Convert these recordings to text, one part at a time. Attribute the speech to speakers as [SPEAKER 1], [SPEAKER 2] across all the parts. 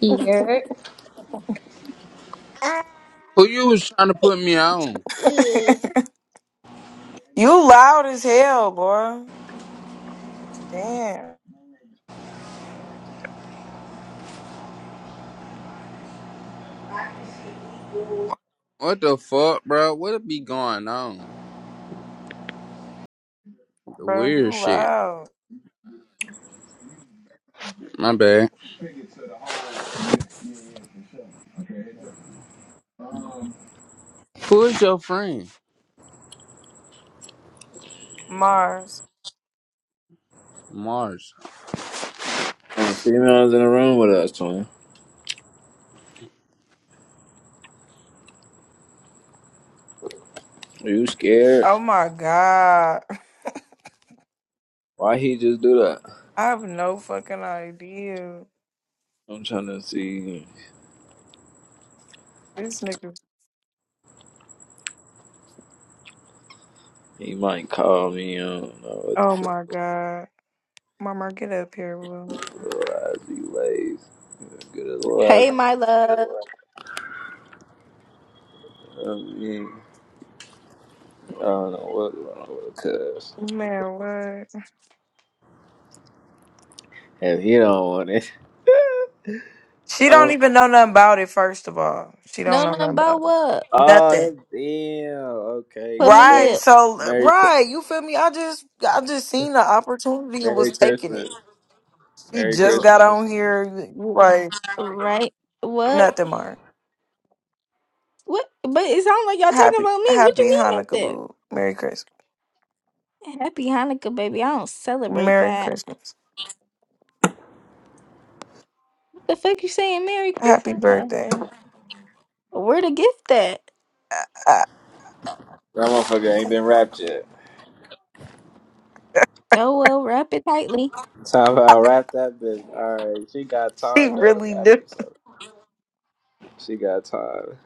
[SPEAKER 1] Here.
[SPEAKER 2] Who you was trying to put me on?
[SPEAKER 3] You loud as hell, boy. Damn,
[SPEAKER 2] What the fuck, bro? What be going on?
[SPEAKER 3] bro,
[SPEAKER 2] Weird
[SPEAKER 3] you
[SPEAKER 2] shit.
[SPEAKER 3] loud.
[SPEAKER 2] My bad. Who is your friend?
[SPEAKER 3] Mars.
[SPEAKER 2] Mars.
[SPEAKER 4] Um, females in the room with us, twin. Are you scared?
[SPEAKER 3] Oh my god.
[SPEAKER 4] Why he just do that?
[SPEAKER 3] I have no fucking idea.
[SPEAKER 4] I'm trying to see.
[SPEAKER 3] This nigga.
[SPEAKER 4] He might call me. I don't know what
[SPEAKER 3] Oh my god. Mama, get up here, Will.
[SPEAKER 4] the variety ways. Good as
[SPEAKER 5] Hey,
[SPEAKER 4] well.
[SPEAKER 5] my love.
[SPEAKER 4] I mean, I don't know what's wrong with it, cuz.
[SPEAKER 3] Man, what?
[SPEAKER 4] If he don't want it.
[SPEAKER 3] She don't
[SPEAKER 4] um,
[SPEAKER 3] even know nothing about it, first of all. She don't
[SPEAKER 5] No,
[SPEAKER 3] know nothing
[SPEAKER 5] nothing about
[SPEAKER 3] about it.
[SPEAKER 5] what?
[SPEAKER 4] oh,
[SPEAKER 3] Nothing.
[SPEAKER 4] damn. Okay.
[SPEAKER 5] Put me
[SPEAKER 4] Merry,
[SPEAKER 3] Right,
[SPEAKER 5] here.
[SPEAKER 3] so
[SPEAKER 4] Merry,
[SPEAKER 3] right, you feel me? I just I just seen the opportunity and was
[SPEAKER 4] Merry
[SPEAKER 3] taking it.
[SPEAKER 4] Christmas.
[SPEAKER 3] She
[SPEAKER 4] Merry
[SPEAKER 3] just
[SPEAKER 5] R-
[SPEAKER 3] got
[SPEAKER 4] Christmas.
[SPEAKER 3] on here, you like
[SPEAKER 5] right? What?
[SPEAKER 3] nothing, Mars.
[SPEAKER 5] What? But it sounds like y'all talking
[SPEAKER 3] Happy
[SPEAKER 5] about me. What
[SPEAKER 3] Happy
[SPEAKER 5] you mean
[SPEAKER 3] Hanukkah,
[SPEAKER 5] nothing?
[SPEAKER 3] boo. Merry Christmas.
[SPEAKER 5] Happy Hanukkah, baby. I don't celebrate
[SPEAKER 3] Merry
[SPEAKER 5] that.
[SPEAKER 3] Christmas.
[SPEAKER 5] What the fuck you saying Merry
[SPEAKER 3] Happy
[SPEAKER 5] Christmas for?
[SPEAKER 3] birthday.
[SPEAKER 5] Where the gift at?
[SPEAKER 3] I, I,
[SPEAKER 4] That motherfucker ain't been wrapped yet.
[SPEAKER 5] Oh, well, wrap it tightly.
[SPEAKER 4] Time about wrap that bitch. All right, she got
[SPEAKER 3] she
[SPEAKER 4] time though to
[SPEAKER 3] really
[SPEAKER 4] wrap
[SPEAKER 3] do.
[SPEAKER 4] it. So She got time.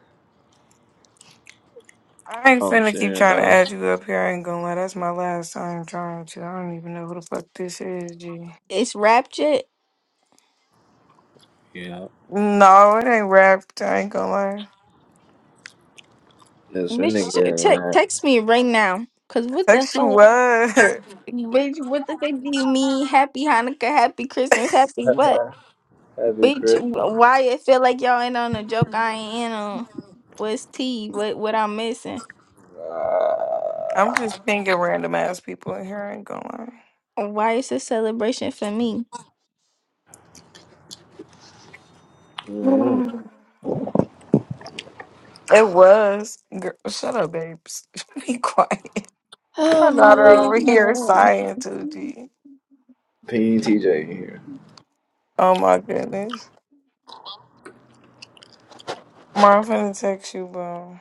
[SPEAKER 3] I ain't
[SPEAKER 4] I'm
[SPEAKER 3] finna keep
[SPEAKER 4] saying
[SPEAKER 3] trying to
[SPEAKER 4] though.
[SPEAKER 3] add you up here. I ain't gonna lie. That's my last time trying to. I don't even know who the fuck this is, G.
[SPEAKER 5] It's wrapped it.
[SPEAKER 4] Yeah.
[SPEAKER 3] No, it ain't wrapped. I ain't gonna lie.
[SPEAKER 4] That's when they get
[SPEAKER 5] Bitch, te-
[SPEAKER 4] right.
[SPEAKER 5] text me right now. Because what the
[SPEAKER 3] Text you
[SPEAKER 5] fuck?
[SPEAKER 3] what?
[SPEAKER 5] Bitch, what the fuck do you mean? Happy Hanukkah, happy Christmas, happy what?
[SPEAKER 4] Happy
[SPEAKER 5] Bitch,
[SPEAKER 4] Christmas.
[SPEAKER 5] wh- why it feel like y'all ain't on the joke I ain't in on? What's T? What what I'm missing?
[SPEAKER 4] Uh,
[SPEAKER 3] I'm just thinking random ass people in here. I ain't gonna
[SPEAKER 5] Why it's a celebration for me?
[SPEAKER 4] Mm-hmm.
[SPEAKER 3] lie. It was. Girl, shut up, babes. Be quiet.
[SPEAKER 5] Oh
[SPEAKER 3] My
[SPEAKER 5] my
[SPEAKER 3] daughter
[SPEAKER 5] love.
[SPEAKER 3] over
[SPEAKER 5] my love.
[SPEAKER 3] here is sighing too, G.
[SPEAKER 4] PTJ in here.
[SPEAKER 3] Oh my goodness. Ma, I'm finna text you, bro.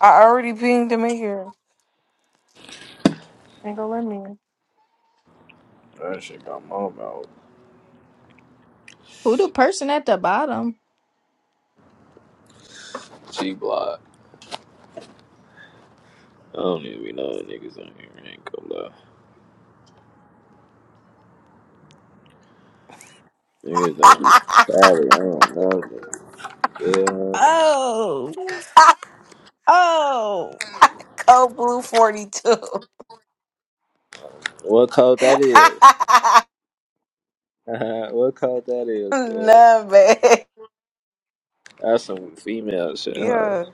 [SPEAKER 3] I already pinged him in here. Nigga, let me.
[SPEAKER 4] That shit got my mouth.
[SPEAKER 5] Who the person at the bottom?
[SPEAKER 4] G block. I don't even be knowing niggas on here. I ain't gonna lie. Niggas don't be sorry. I don't know. nigga. Yeah.
[SPEAKER 5] Oh, oh.
[SPEAKER 3] Code Blue 42.
[SPEAKER 4] What code that is?
[SPEAKER 3] nah,
[SPEAKER 4] what code that is, cuz?
[SPEAKER 3] man.
[SPEAKER 4] That's some female shit, huh?
[SPEAKER 3] Yeah,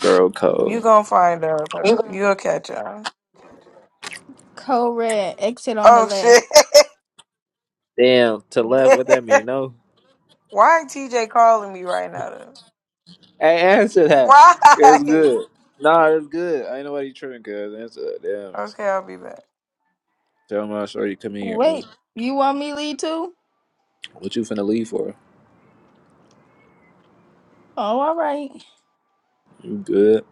[SPEAKER 4] Girl
[SPEAKER 3] you
[SPEAKER 4] code.
[SPEAKER 3] gonna find out. bro. You'll catch on.
[SPEAKER 5] Code red, exit on the
[SPEAKER 3] Oh,
[SPEAKER 5] left.
[SPEAKER 3] shit.
[SPEAKER 4] Damn, to left, what that mean? No?
[SPEAKER 3] Why TJ calling me right now, though?
[SPEAKER 4] Hey, answer that. it's
[SPEAKER 3] Why?
[SPEAKER 4] good. Nah, it's good. I ain't nobody tripping, cuz. Answer that. Damn.
[SPEAKER 3] Okay, I'll be back.
[SPEAKER 4] Tell my sure come here, man.
[SPEAKER 5] Wait, you want me lead too?
[SPEAKER 4] What you finna leave for?
[SPEAKER 5] Oh, all right.
[SPEAKER 4] You good?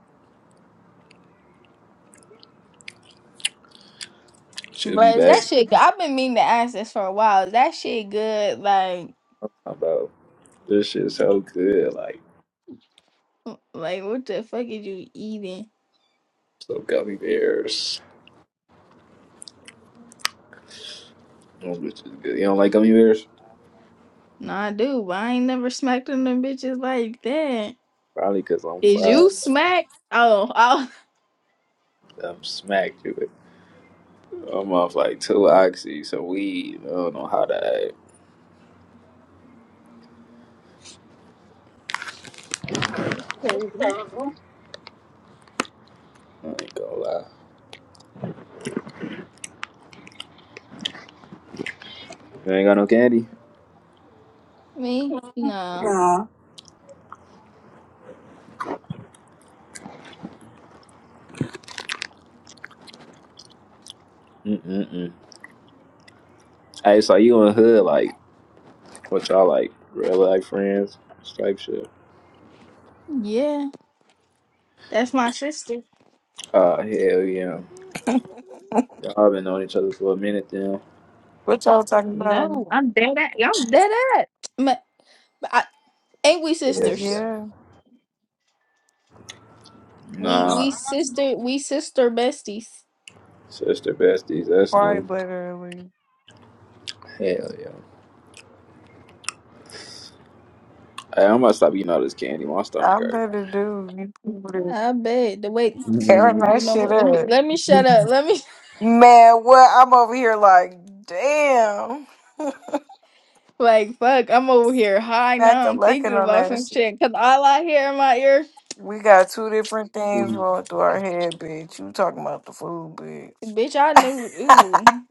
[SPEAKER 4] Should be
[SPEAKER 5] But is
[SPEAKER 4] back.
[SPEAKER 5] that shit? good? I've been meaning to ask this for a while. Is that shit good? Like,
[SPEAKER 4] I'm talking about this shit so good. Like,
[SPEAKER 5] like what the fuck is you eating?
[SPEAKER 4] so gummy bears. Those bitches good. You don't like gummy bears?
[SPEAKER 5] No, I do, but I ain't never smacked on them bitches like that.
[SPEAKER 4] Probably cause I'm
[SPEAKER 5] Is
[SPEAKER 4] fried.
[SPEAKER 5] you smack? Oh, oh,
[SPEAKER 4] I'm smacked with it. I'm off like two oxy, some weed. I don't know how that. I
[SPEAKER 5] crazy.
[SPEAKER 4] ain't gonna lie. You ain't got no candy?
[SPEAKER 5] Me? No.
[SPEAKER 4] Mm-mm-mm. Hey, so you in the hood, like, What y'all like? Real life friends? This type shit.
[SPEAKER 5] Yeah, that's my sister.
[SPEAKER 4] Uh, hell yeah. Y'all been knowing each other for a minute then.
[SPEAKER 3] What y'all talking about?
[SPEAKER 5] No, I'm dead at. I'm dead at. Ma- I, ain't we sisters?
[SPEAKER 3] Yeah,
[SPEAKER 5] We we
[SPEAKER 4] Nah.
[SPEAKER 5] sister we sister besties.
[SPEAKER 4] Sister besties, that's new.
[SPEAKER 3] quite literally.
[SPEAKER 4] Hell yeah. Hey, I'm about to stop eating all this candy. My stomach
[SPEAKER 3] I
[SPEAKER 4] hurt.
[SPEAKER 3] better do.
[SPEAKER 5] I bet. The way
[SPEAKER 3] Tearing
[SPEAKER 5] you
[SPEAKER 3] that
[SPEAKER 5] know
[SPEAKER 3] shit
[SPEAKER 5] what? Let me
[SPEAKER 3] up.
[SPEAKER 5] let me shut up. Let me
[SPEAKER 3] Man, what? I'm over here like, damn.
[SPEAKER 5] like fuck. I'm over here high now. I'm
[SPEAKER 3] Macalacking
[SPEAKER 5] thinking
[SPEAKER 3] on
[SPEAKER 5] about
[SPEAKER 3] that
[SPEAKER 5] some
[SPEAKER 3] shit.
[SPEAKER 5] shit because all I hear in my ear,
[SPEAKER 3] We got two different things rolling through our head, bitch. You talking about the food, bitch.
[SPEAKER 5] bitch. I knew. Ooh,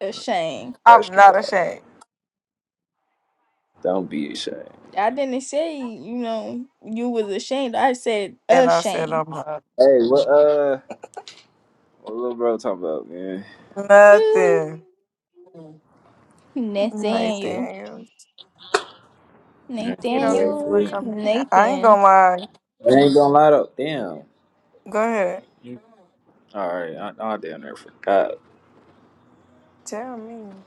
[SPEAKER 5] a shame.
[SPEAKER 3] I'm
[SPEAKER 4] Extra
[SPEAKER 3] not
[SPEAKER 4] loud.
[SPEAKER 3] ashamed.
[SPEAKER 4] Don't be ashamed.
[SPEAKER 5] I didn't say, you know, you was ashamed. I said
[SPEAKER 3] And I said,
[SPEAKER 5] ashamed.
[SPEAKER 3] I'm not.
[SPEAKER 4] Hey, what uh what little bro talking about, man?
[SPEAKER 5] Ooh,
[SPEAKER 3] Nothing.
[SPEAKER 5] Nathaniel.
[SPEAKER 3] Nothing. You
[SPEAKER 4] Yeah,
[SPEAKER 3] you
[SPEAKER 4] the
[SPEAKER 3] don't even
[SPEAKER 5] Nathaniel.
[SPEAKER 3] want to
[SPEAKER 4] bullshit.
[SPEAKER 3] come back. I ain't
[SPEAKER 5] Nathan.
[SPEAKER 3] gonna lie.
[SPEAKER 4] I ain't gonna lie though. Damn.
[SPEAKER 3] Go ahead.
[SPEAKER 4] All right, I, I damn near forgot.
[SPEAKER 3] Tell me.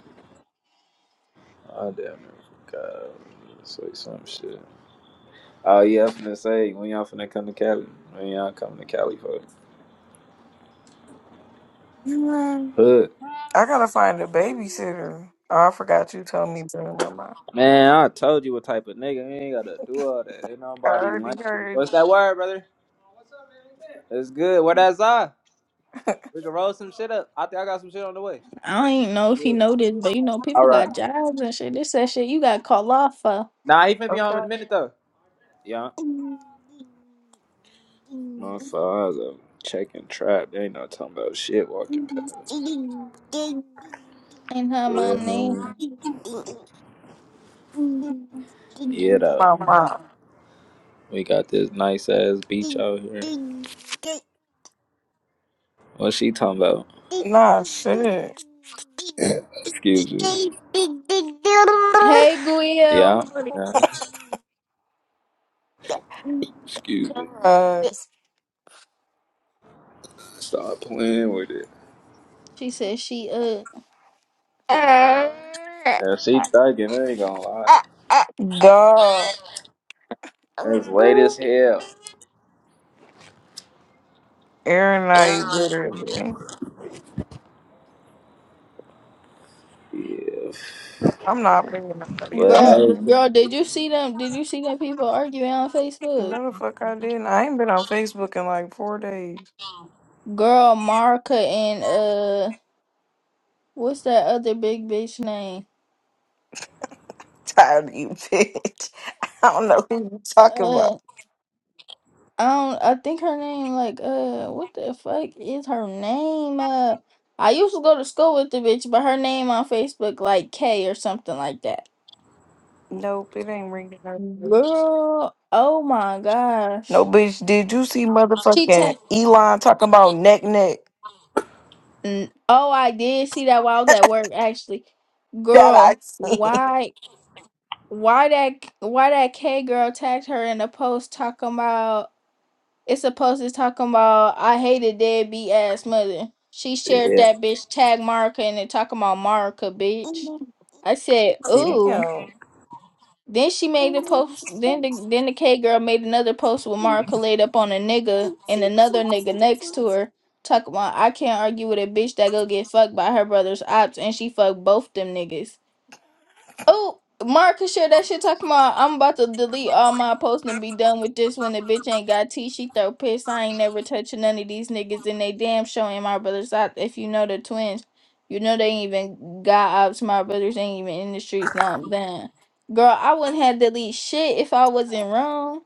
[SPEAKER 4] I damn near forgot. Say some shit. Oh yeah, I'm finna say when y'all finna come to Cali. When y'all coming to Cali for it?
[SPEAKER 3] Mm,
[SPEAKER 4] hood.
[SPEAKER 3] I gotta find a babysitter. Oh, I forgot you told me, bring Bruno.
[SPEAKER 4] Man, I told you what type of nigga. You ain't gotta do all that. Ain't
[SPEAKER 3] I
[SPEAKER 4] nobody lame.
[SPEAKER 3] already heard.
[SPEAKER 4] What's that word, brother? It's good. Where that's I? We can roll some shit up. I think I got some shit on the way.
[SPEAKER 5] I don't even know if he
[SPEAKER 4] Yeah.
[SPEAKER 5] know this, but you know,
[SPEAKER 4] All
[SPEAKER 5] people
[SPEAKER 4] right.
[SPEAKER 5] got jobs and shit. This that shit you got called off for.
[SPEAKER 4] Nah, he finna be home in
[SPEAKER 3] Okay.
[SPEAKER 4] a minute though. Yeah. My father checking trap. They ain't not talking about shit walking past.
[SPEAKER 5] Ain't her
[SPEAKER 4] Yeah.
[SPEAKER 5] my name.
[SPEAKER 4] hmm. Yeah though.
[SPEAKER 3] Mama.
[SPEAKER 4] We got this nice ass beach out here. What she talking about?
[SPEAKER 3] Nah, shit.
[SPEAKER 4] Excuse me.
[SPEAKER 5] Hey Guil.
[SPEAKER 4] Yeah. Yeah. Excuse me.
[SPEAKER 3] Uh,
[SPEAKER 4] Stop playing with it.
[SPEAKER 5] She said she uh
[SPEAKER 4] Yeah, she thugging, I ain't gonna lie.
[SPEAKER 3] duh.
[SPEAKER 4] It's late as hell.
[SPEAKER 3] Aaron I literally.
[SPEAKER 4] Yeah.
[SPEAKER 3] I'm not paying nobody
[SPEAKER 4] But
[SPEAKER 3] else.
[SPEAKER 5] girl
[SPEAKER 3] anymore.
[SPEAKER 5] girl, did you see them did you see them people arguing on Facebook?
[SPEAKER 3] No, the fuck I didn't. I ain't been on Facebook in like four days.
[SPEAKER 5] Girl Marka and uh what's that other big bitch name?
[SPEAKER 3] Tired of you, bitch. I don't know who you talking
[SPEAKER 5] Uh,
[SPEAKER 3] about.
[SPEAKER 5] I don't. I think her name like uh, what the fuck is her name? Uh, I used to go to school with the bitch, but her name on Facebook like K or something like that.
[SPEAKER 3] Nope, it ain't ringing up.
[SPEAKER 5] Girl, oh my gosh,
[SPEAKER 3] No, bitch, did you see
[SPEAKER 5] she
[SPEAKER 3] motherfucking
[SPEAKER 5] te-
[SPEAKER 3] Elon talking about neck neck?
[SPEAKER 5] N- Oh, I did see that while I was at work actually.
[SPEAKER 3] That
[SPEAKER 5] Girl,
[SPEAKER 3] I
[SPEAKER 5] why, why that, why that K girl tagged her in a post talking about? It's supposed to talking about I hate hated deadbeat ass mother. She
[SPEAKER 4] hey,
[SPEAKER 5] shared
[SPEAKER 4] yeah.
[SPEAKER 5] that bitch tag Marika and then talking about Marika, bitch. I said,
[SPEAKER 3] seen.
[SPEAKER 5] ooh.
[SPEAKER 3] Damn.
[SPEAKER 5] Then she made the post. Then the then the K girl made another post with Marika laid up on a nigga and another nigga next to her. Talking about I can't argue with a bitch that go get fucked by her brother's ops and she fucked both them niggas. Oh, Marcus shared that shit talking about I'm about to delete all my posts and be done with this when the bitch ain't got tea. She throw piss. I ain't never touching none of these niggas and they damn showing my brothers out. If you know the twins, you know they ain't even got ops. My brothers ain't even in the streets. Now I'm done. Girl, I wouldn't have delete shit if I wasn't wrong.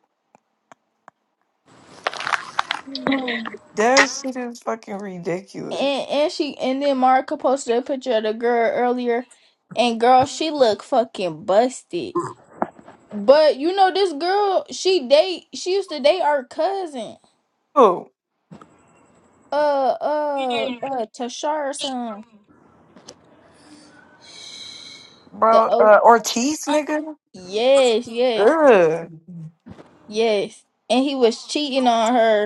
[SPEAKER 3] That shit is fucking ridiculous.
[SPEAKER 5] And and she and then Marca posted a picture of the girl earlier, and girl, she look fucking busted. But you know this girl, she date she used to date our cousin.
[SPEAKER 3] Oh,
[SPEAKER 5] Uh uh uh Tashar or something. The
[SPEAKER 3] bro,
[SPEAKER 5] oh
[SPEAKER 3] uh, Ortiz, nigga?
[SPEAKER 5] yes, yes,
[SPEAKER 3] Ugh.
[SPEAKER 5] yes. And he was cheating on her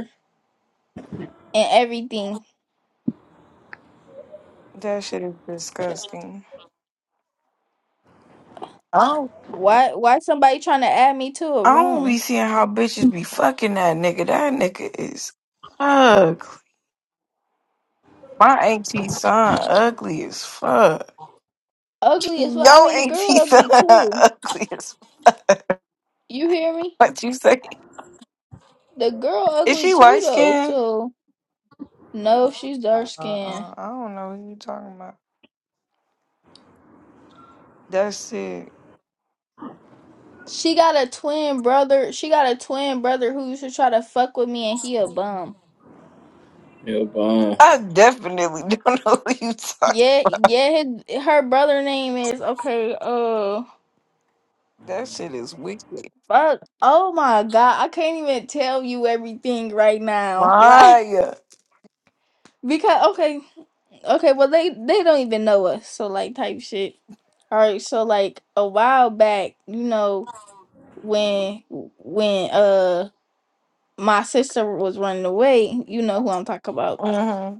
[SPEAKER 5] and everything.
[SPEAKER 3] That shit is disgusting. Oh.
[SPEAKER 5] Why why somebody trying to add me to a
[SPEAKER 3] I don't be
[SPEAKER 5] room?
[SPEAKER 3] seeing how bitches be fucking that nigga. That nigga is ugly. My auntie son ugly as fuck.
[SPEAKER 5] Ugly
[SPEAKER 3] Yo
[SPEAKER 5] as well. I mean the girl
[SPEAKER 3] auntie son
[SPEAKER 5] ugly too.
[SPEAKER 3] ugly as fuck.
[SPEAKER 5] You hear me?
[SPEAKER 3] What you say?
[SPEAKER 5] The girl
[SPEAKER 3] Is
[SPEAKER 5] ugly
[SPEAKER 3] she
[SPEAKER 5] too
[SPEAKER 3] light
[SPEAKER 5] though,
[SPEAKER 3] skinned?
[SPEAKER 5] so no, she's dark skinned.
[SPEAKER 3] Uh-uh. I don't know who you talking about. That shit.
[SPEAKER 5] She got a twin brother. She got a twin brother who used to try to fuck with me and he a bum.
[SPEAKER 4] yeah, bomb.
[SPEAKER 3] I definitely don't know who you talking.
[SPEAKER 5] Yeah, yeah, his- her brother name is okay. Uh,
[SPEAKER 3] That shit is wicked.
[SPEAKER 5] but oh my god, I can't even tell you everything right now. Like
[SPEAKER 3] Why?
[SPEAKER 5] because okay, okay, well they they don't even know us, so like type shit. All right, so like a while back, you know when when uh my sister was running away, you know who I'm talking about.
[SPEAKER 3] Mm-hmm.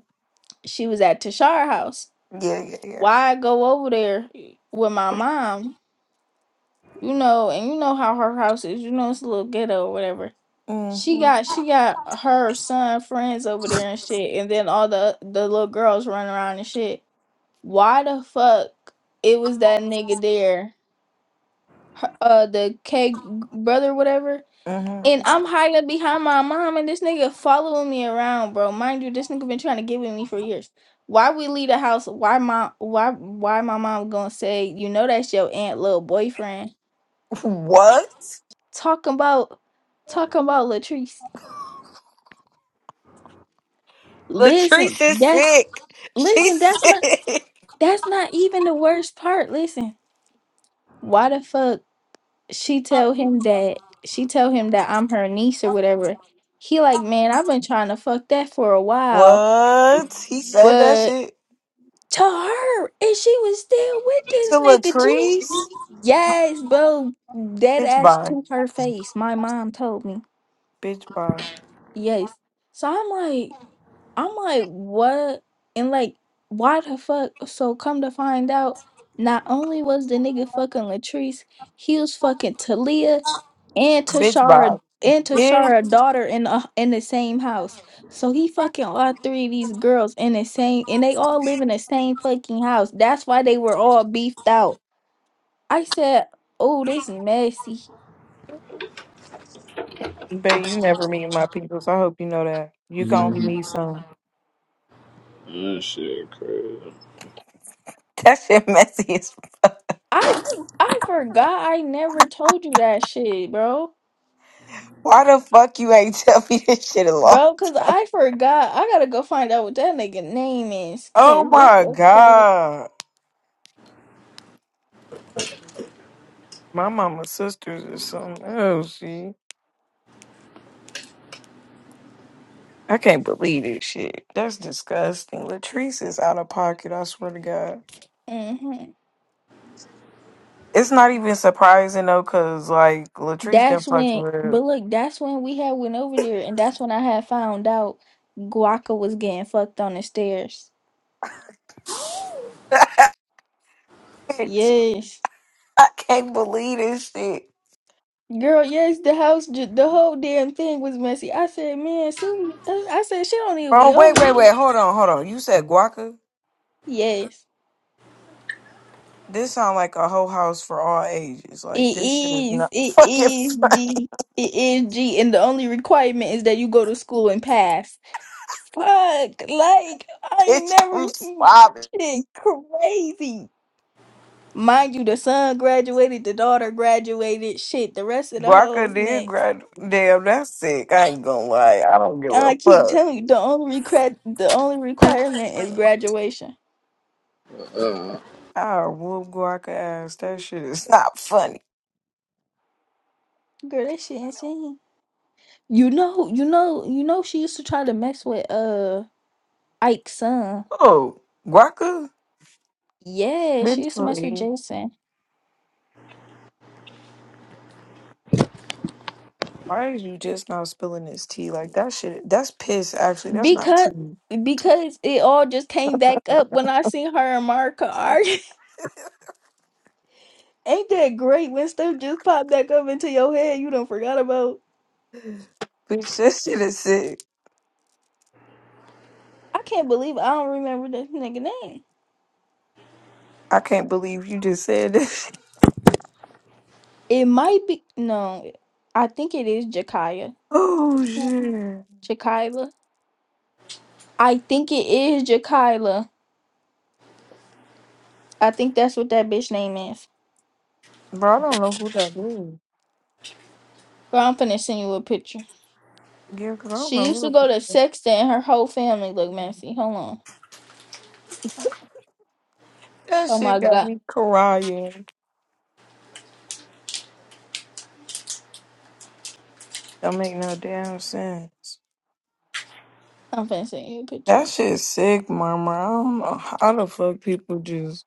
[SPEAKER 5] She was at Tashar house.
[SPEAKER 3] Yeah, yeah, yeah.
[SPEAKER 5] Why go over there with my mom? you know, and you know how her house is. You know, it's a little ghetto or whatever. She
[SPEAKER 3] Mm-hmm.
[SPEAKER 5] got she got her son friends over there and shit, and then all the the little girls run around and shit. Why the fuck it was that nigga there, her- uh, the K brother, whatever.
[SPEAKER 3] Mm-hmm.
[SPEAKER 5] And I'm hiding behind my mom, and this nigga following me around, bro. Mind you, this nigga been trying to get with me for years. Why we leave the house? Why my why why my mom gonna say you know that's your aunt little boyfriend?
[SPEAKER 3] What?
[SPEAKER 5] talking about talking about Latrice.
[SPEAKER 3] Latrice
[SPEAKER 5] Listen,
[SPEAKER 3] is
[SPEAKER 5] that's
[SPEAKER 3] sick.
[SPEAKER 5] listen,
[SPEAKER 3] She's
[SPEAKER 5] that's not
[SPEAKER 3] sick.
[SPEAKER 5] that's not even the worst part. Listen, why the fuck she tell him that she tell him that I'm her niece or whatever. He like, man, I've been trying to fuck that for a while,
[SPEAKER 3] What? He said that
[SPEAKER 5] but
[SPEAKER 3] shit
[SPEAKER 5] to her, and she was still with this
[SPEAKER 3] to
[SPEAKER 5] nigga G.
[SPEAKER 3] Latrice?
[SPEAKER 5] Yes, bro, dead
[SPEAKER 3] Bitch
[SPEAKER 5] ass
[SPEAKER 3] bye.
[SPEAKER 5] to her face. My mom told me.
[SPEAKER 3] Bitch bye.
[SPEAKER 5] Yes. So I'm like, I'm like, what? And like, why the fuck? So come to find out, not only was the nigga fucking Latrice, he was fucking Talia and
[SPEAKER 3] Bitch bye.
[SPEAKER 5] Tashara and
[SPEAKER 3] Bitch.
[SPEAKER 5] Tashara daughter in a, in the same house. So he fucking all three of these girls in the same, and they all live in the same fucking house. That's why they were all beefed out. I said, oh, this messy.
[SPEAKER 3] But you never meet my people, so I hope you know that. You can only
[SPEAKER 4] Mm-hmm.
[SPEAKER 3] meet some.
[SPEAKER 4] That shit crazy.
[SPEAKER 3] That shit messy as
[SPEAKER 5] I I forgot I never told you that shit, bro.
[SPEAKER 3] Why the fuck you ain't tell me this shit along?
[SPEAKER 5] Bro, cause I forgot. I gotta go find out what that nigga name is. Cause
[SPEAKER 3] Oh
[SPEAKER 5] what
[SPEAKER 3] my
[SPEAKER 5] the fuck?
[SPEAKER 3] god. My mama's sisters or something else, see? I can't believe this shit. That's disgusting. Latrice is out of pocket, I swear to God.
[SPEAKER 5] hmm
[SPEAKER 3] It's not even surprising though, cause like Latrice done
[SPEAKER 5] That's
[SPEAKER 3] fucked
[SPEAKER 5] when.
[SPEAKER 3] with
[SPEAKER 5] But look, that's when we had went over there, and that's when I had found out Guaca was getting fucked on the stairs.
[SPEAKER 3] bitch.
[SPEAKER 5] Yes,
[SPEAKER 3] I can't believe this shit.
[SPEAKER 5] girl. Yes, the house, ju- the whole damn thing was messy. I said, man, Susie. I I said, she don't even be
[SPEAKER 3] Bro, wait,
[SPEAKER 5] over
[SPEAKER 3] wait,
[SPEAKER 5] here.
[SPEAKER 3] wait, hold on, hold on. You said guaca?
[SPEAKER 5] Yes,
[SPEAKER 3] This sound like a whole house for all ages.
[SPEAKER 5] it
[SPEAKER 3] Like this shit is
[SPEAKER 5] is.
[SPEAKER 3] not
[SPEAKER 5] It
[SPEAKER 3] Fucking
[SPEAKER 5] is
[SPEAKER 3] funny,
[SPEAKER 5] G. It is G. And the only requirement is that you go to school and pass. Fuck, like I ain't
[SPEAKER 3] bitch.
[SPEAKER 5] never
[SPEAKER 3] I'm
[SPEAKER 5] seen
[SPEAKER 3] slobbing.
[SPEAKER 5] shit crazy. Mind you, the son graduated, the daughter graduated. Shit, the rest of the
[SPEAKER 3] Barker
[SPEAKER 5] hoes
[SPEAKER 3] did
[SPEAKER 5] next.
[SPEAKER 3] grad. Damn, that's sick. I ain't gonna lie. I don't give a
[SPEAKER 5] I keep
[SPEAKER 3] fuck.
[SPEAKER 5] telling you, the only requ- the only requirement is graduation.
[SPEAKER 4] Uh,
[SPEAKER 3] I whoop Guaca ass. That shit is not funny.
[SPEAKER 5] Girl, that shit insane. You know, you know, you know. She used to try to mess with uh Ike's son.
[SPEAKER 3] Oh, Guaca,
[SPEAKER 5] Yeah, she
[SPEAKER 3] bitch,
[SPEAKER 5] used to mess with
[SPEAKER 3] please.
[SPEAKER 5] Jason
[SPEAKER 3] why is you just now spilling this tea? Like that shit. That's piss. Actually, that's not
[SPEAKER 5] because
[SPEAKER 3] tea.
[SPEAKER 5] because it all just came back up when I seen her and Mark Ain't that great when stuff just popped back up into your head you don't forgot about?
[SPEAKER 3] Bitch, that shit is sick.
[SPEAKER 5] I can't believe I don't remember this nigga name.
[SPEAKER 3] I can't believe you just said this.
[SPEAKER 5] It might be no, I think it is Jakaya.
[SPEAKER 3] Oh shit,
[SPEAKER 5] Jakayla. I think it is Jakayla. I think that's what that bitch name is.
[SPEAKER 3] bro. I don't know who that is.
[SPEAKER 5] Girl, I'm finna send you a picture.
[SPEAKER 3] Yeah, 'cause I don't
[SPEAKER 5] She
[SPEAKER 3] know
[SPEAKER 5] used to
[SPEAKER 3] who the
[SPEAKER 5] go
[SPEAKER 3] fuck
[SPEAKER 5] to
[SPEAKER 3] that
[SPEAKER 5] Sexton and her whole family look
[SPEAKER 3] is.
[SPEAKER 5] messy. Hold on.
[SPEAKER 3] That
[SPEAKER 5] Oh my
[SPEAKER 3] shit got
[SPEAKER 5] god.
[SPEAKER 3] me crying. Don't make no damn sense.
[SPEAKER 5] I'm finna send you a
[SPEAKER 3] That
[SPEAKER 5] picture.
[SPEAKER 3] shit sick, mama. I don't know how the fuck people just.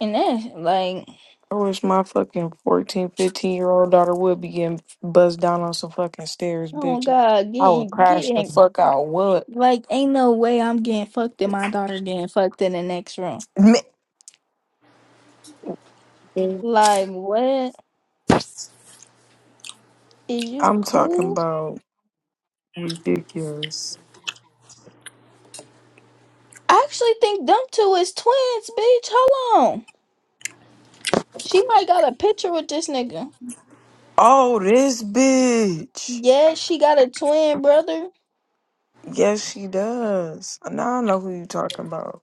[SPEAKER 5] And that's like,
[SPEAKER 3] I wish my fucking 1415 year old daughter would be getting buzzed down on some fucking stairs,
[SPEAKER 5] oh
[SPEAKER 3] bitch.
[SPEAKER 5] god,
[SPEAKER 3] I would
[SPEAKER 5] getting
[SPEAKER 3] crash the
[SPEAKER 5] getting
[SPEAKER 3] fuck out. What?
[SPEAKER 5] Like, ain't no way I'm getting fucked and my daughter getting fucked in the next room.
[SPEAKER 3] Me-
[SPEAKER 5] Like, what? Is you
[SPEAKER 3] I'm talking
[SPEAKER 5] cool?
[SPEAKER 3] about ridiculous.
[SPEAKER 5] I actually think them two is twins, bitch. Hold on. She might got a picture with this nigga.
[SPEAKER 3] Oh, this bitch.
[SPEAKER 5] Yeah, she got a twin brother.
[SPEAKER 3] Yes, she does. Now I know who you talking about.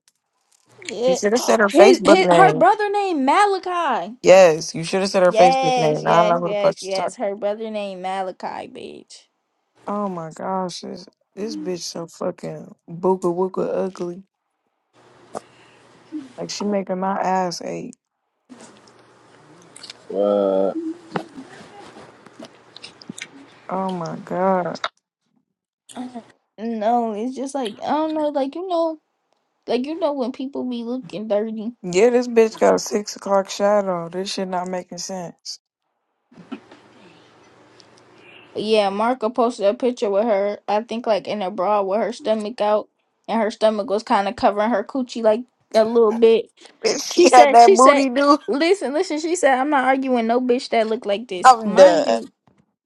[SPEAKER 3] You
[SPEAKER 5] Yeah.
[SPEAKER 3] should have said her
[SPEAKER 5] His,
[SPEAKER 3] Facebook
[SPEAKER 5] his her
[SPEAKER 3] name.
[SPEAKER 5] brother named Malachi.
[SPEAKER 3] Yes, you should have said her Facebook
[SPEAKER 5] Yes,
[SPEAKER 3] name. Now I
[SPEAKER 5] yes,
[SPEAKER 3] know who the
[SPEAKER 5] yes,
[SPEAKER 3] fuck you
[SPEAKER 5] yes.
[SPEAKER 3] talking about.
[SPEAKER 5] Her brother named Malachi, bitch.
[SPEAKER 3] Oh my gosh, this, this bitch so fucking booga wooga ugly. Like she making my ass ache.
[SPEAKER 4] what?
[SPEAKER 3] Oh my god.
[SPEAKER 5] Uh, No, it's just like I don't know, like you know, like you know when people be looking dirty.
[SPEAKER 3] Yeah, this bitch got a six o'clock shadow. This shit not making sense.
[SPEAKER 5] Yeah, Marco posted a picture with her, I think like in a bra with her stomach out and her stomach was kind of covering her coochie like a little bit.
[SPEAKER 3] Bitch,
[SPEAKER 5] She
[SPEAKER 3] she had
[SPEAKER 5] said,
[SPEAKER 3] that
[SPEAKER 5] she said,
[SPEAKER 3] booty, dude.
[SPEAKER 5] listen, listen, she said, I'm not arguing no bitch that look like this.
[SPEAKER 3] I'm
[SPEAKER 5] Mind
[SPEAKER 3] done.
[SPEAKER 5] you,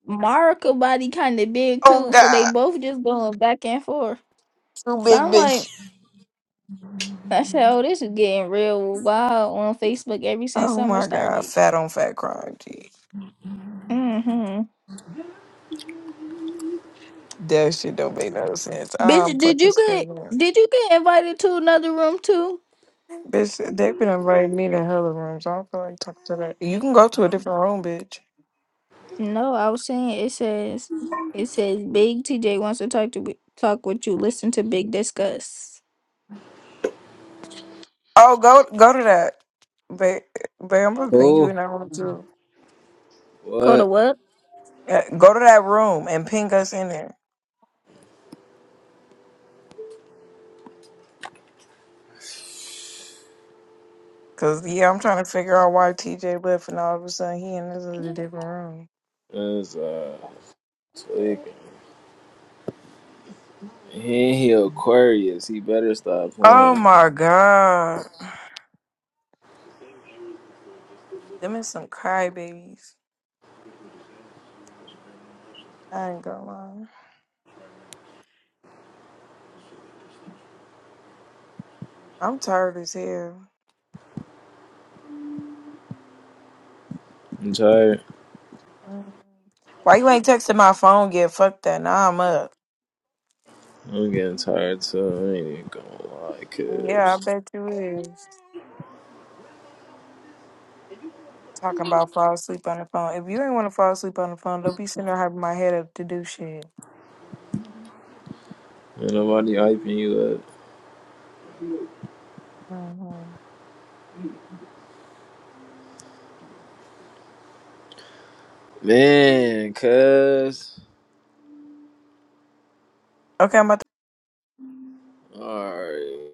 [SPEAKER 5] Marco body kind of big
[SPEAKER 3] Oh
[SPEAKER 5] too, so they
[SPEAKER 3] god,
[SPEAKER 5] both just going back and forth.
[SPEAKER 3] too
[SPEAKER 5] So
[SPEAKER 3] big,
[SPEAKER 5] I'm
[SPEAKER 3] bitch.
[SPEAKER 5] like, I said, oh, this is getting real wild on Facebook ever since
[SPEAKER 3] Oh
[SPEAKER 5] summer
[SPEAKER 3] my god,
[SPEAKER 5] started.
[SPEAKER 3] fat on fat crime, G.
[SPEAKER 5] Mm-hmm.
[SPEAKER 3] That shit don't make no sense. I'm
[SPEAKER 5] Bitch, did
[SPEAKER 3] fucking
[SPEAKER 5] you get
[SPEAKER 3] scared.
[SPEAKER 5] did you get invited to another room too?
[SPEAKER 3] Bitch, they been inviting me to hella rooms. I don't feel like talking to that. You can go to a different room, bitch.
[SPEAKER 5] No, I was saying it says it says Big TJ wants to talk to talk with you. Listen to Big discuss.
[SPEAKER 3] Oh, go go to that. Ba- Babe, I'm gonna ping you
[SPEAKER 4] Who?
[SPEAKER 3] in that room too.
[SPEAKER 5] Go to
[SPEAKER 4] What?
[SPEAKER 5] what?
[SPEAKER 3] Yeah, go to that room and ping us in there. Cause yeah, I'm trying to figure out why TJ left and all of a sudden he in this other different room.
[SPEAKER 4] Is uh tweaking? He, he Aquarius. He better stop
[SPEAKER 3] Oh
[SPEAKER 4] playing.
[SPEAKER 3] my god. Them is some crybabies. I ain't gonna lie. I'm tired as hell.
[SPEAKER 4] I'm tired.
[SPEAKER 3] Mm. Why you ain't texting my phone yet? Fuck that. Now I'm up.
[SPEAKER 4] I'm getting tired too. I ain't even gonna lie,
[SPEAKER 3] Yeah, I
[SPEAKER 4] cause
[SPEAKER 3] bet you is. Talking about fall asleep on the phone. If you ain't want to fall asleep on the phone, don't be sitting there having my head up to do shit.
[SPEAKER 4] ain't nobody hyping you up.
[SPEAKER 3] Mm-hmm.
[SPEAKER 4] Man, cuz.
[SPEAKER 3] okay I'm about
[SPEAKER 4] All right.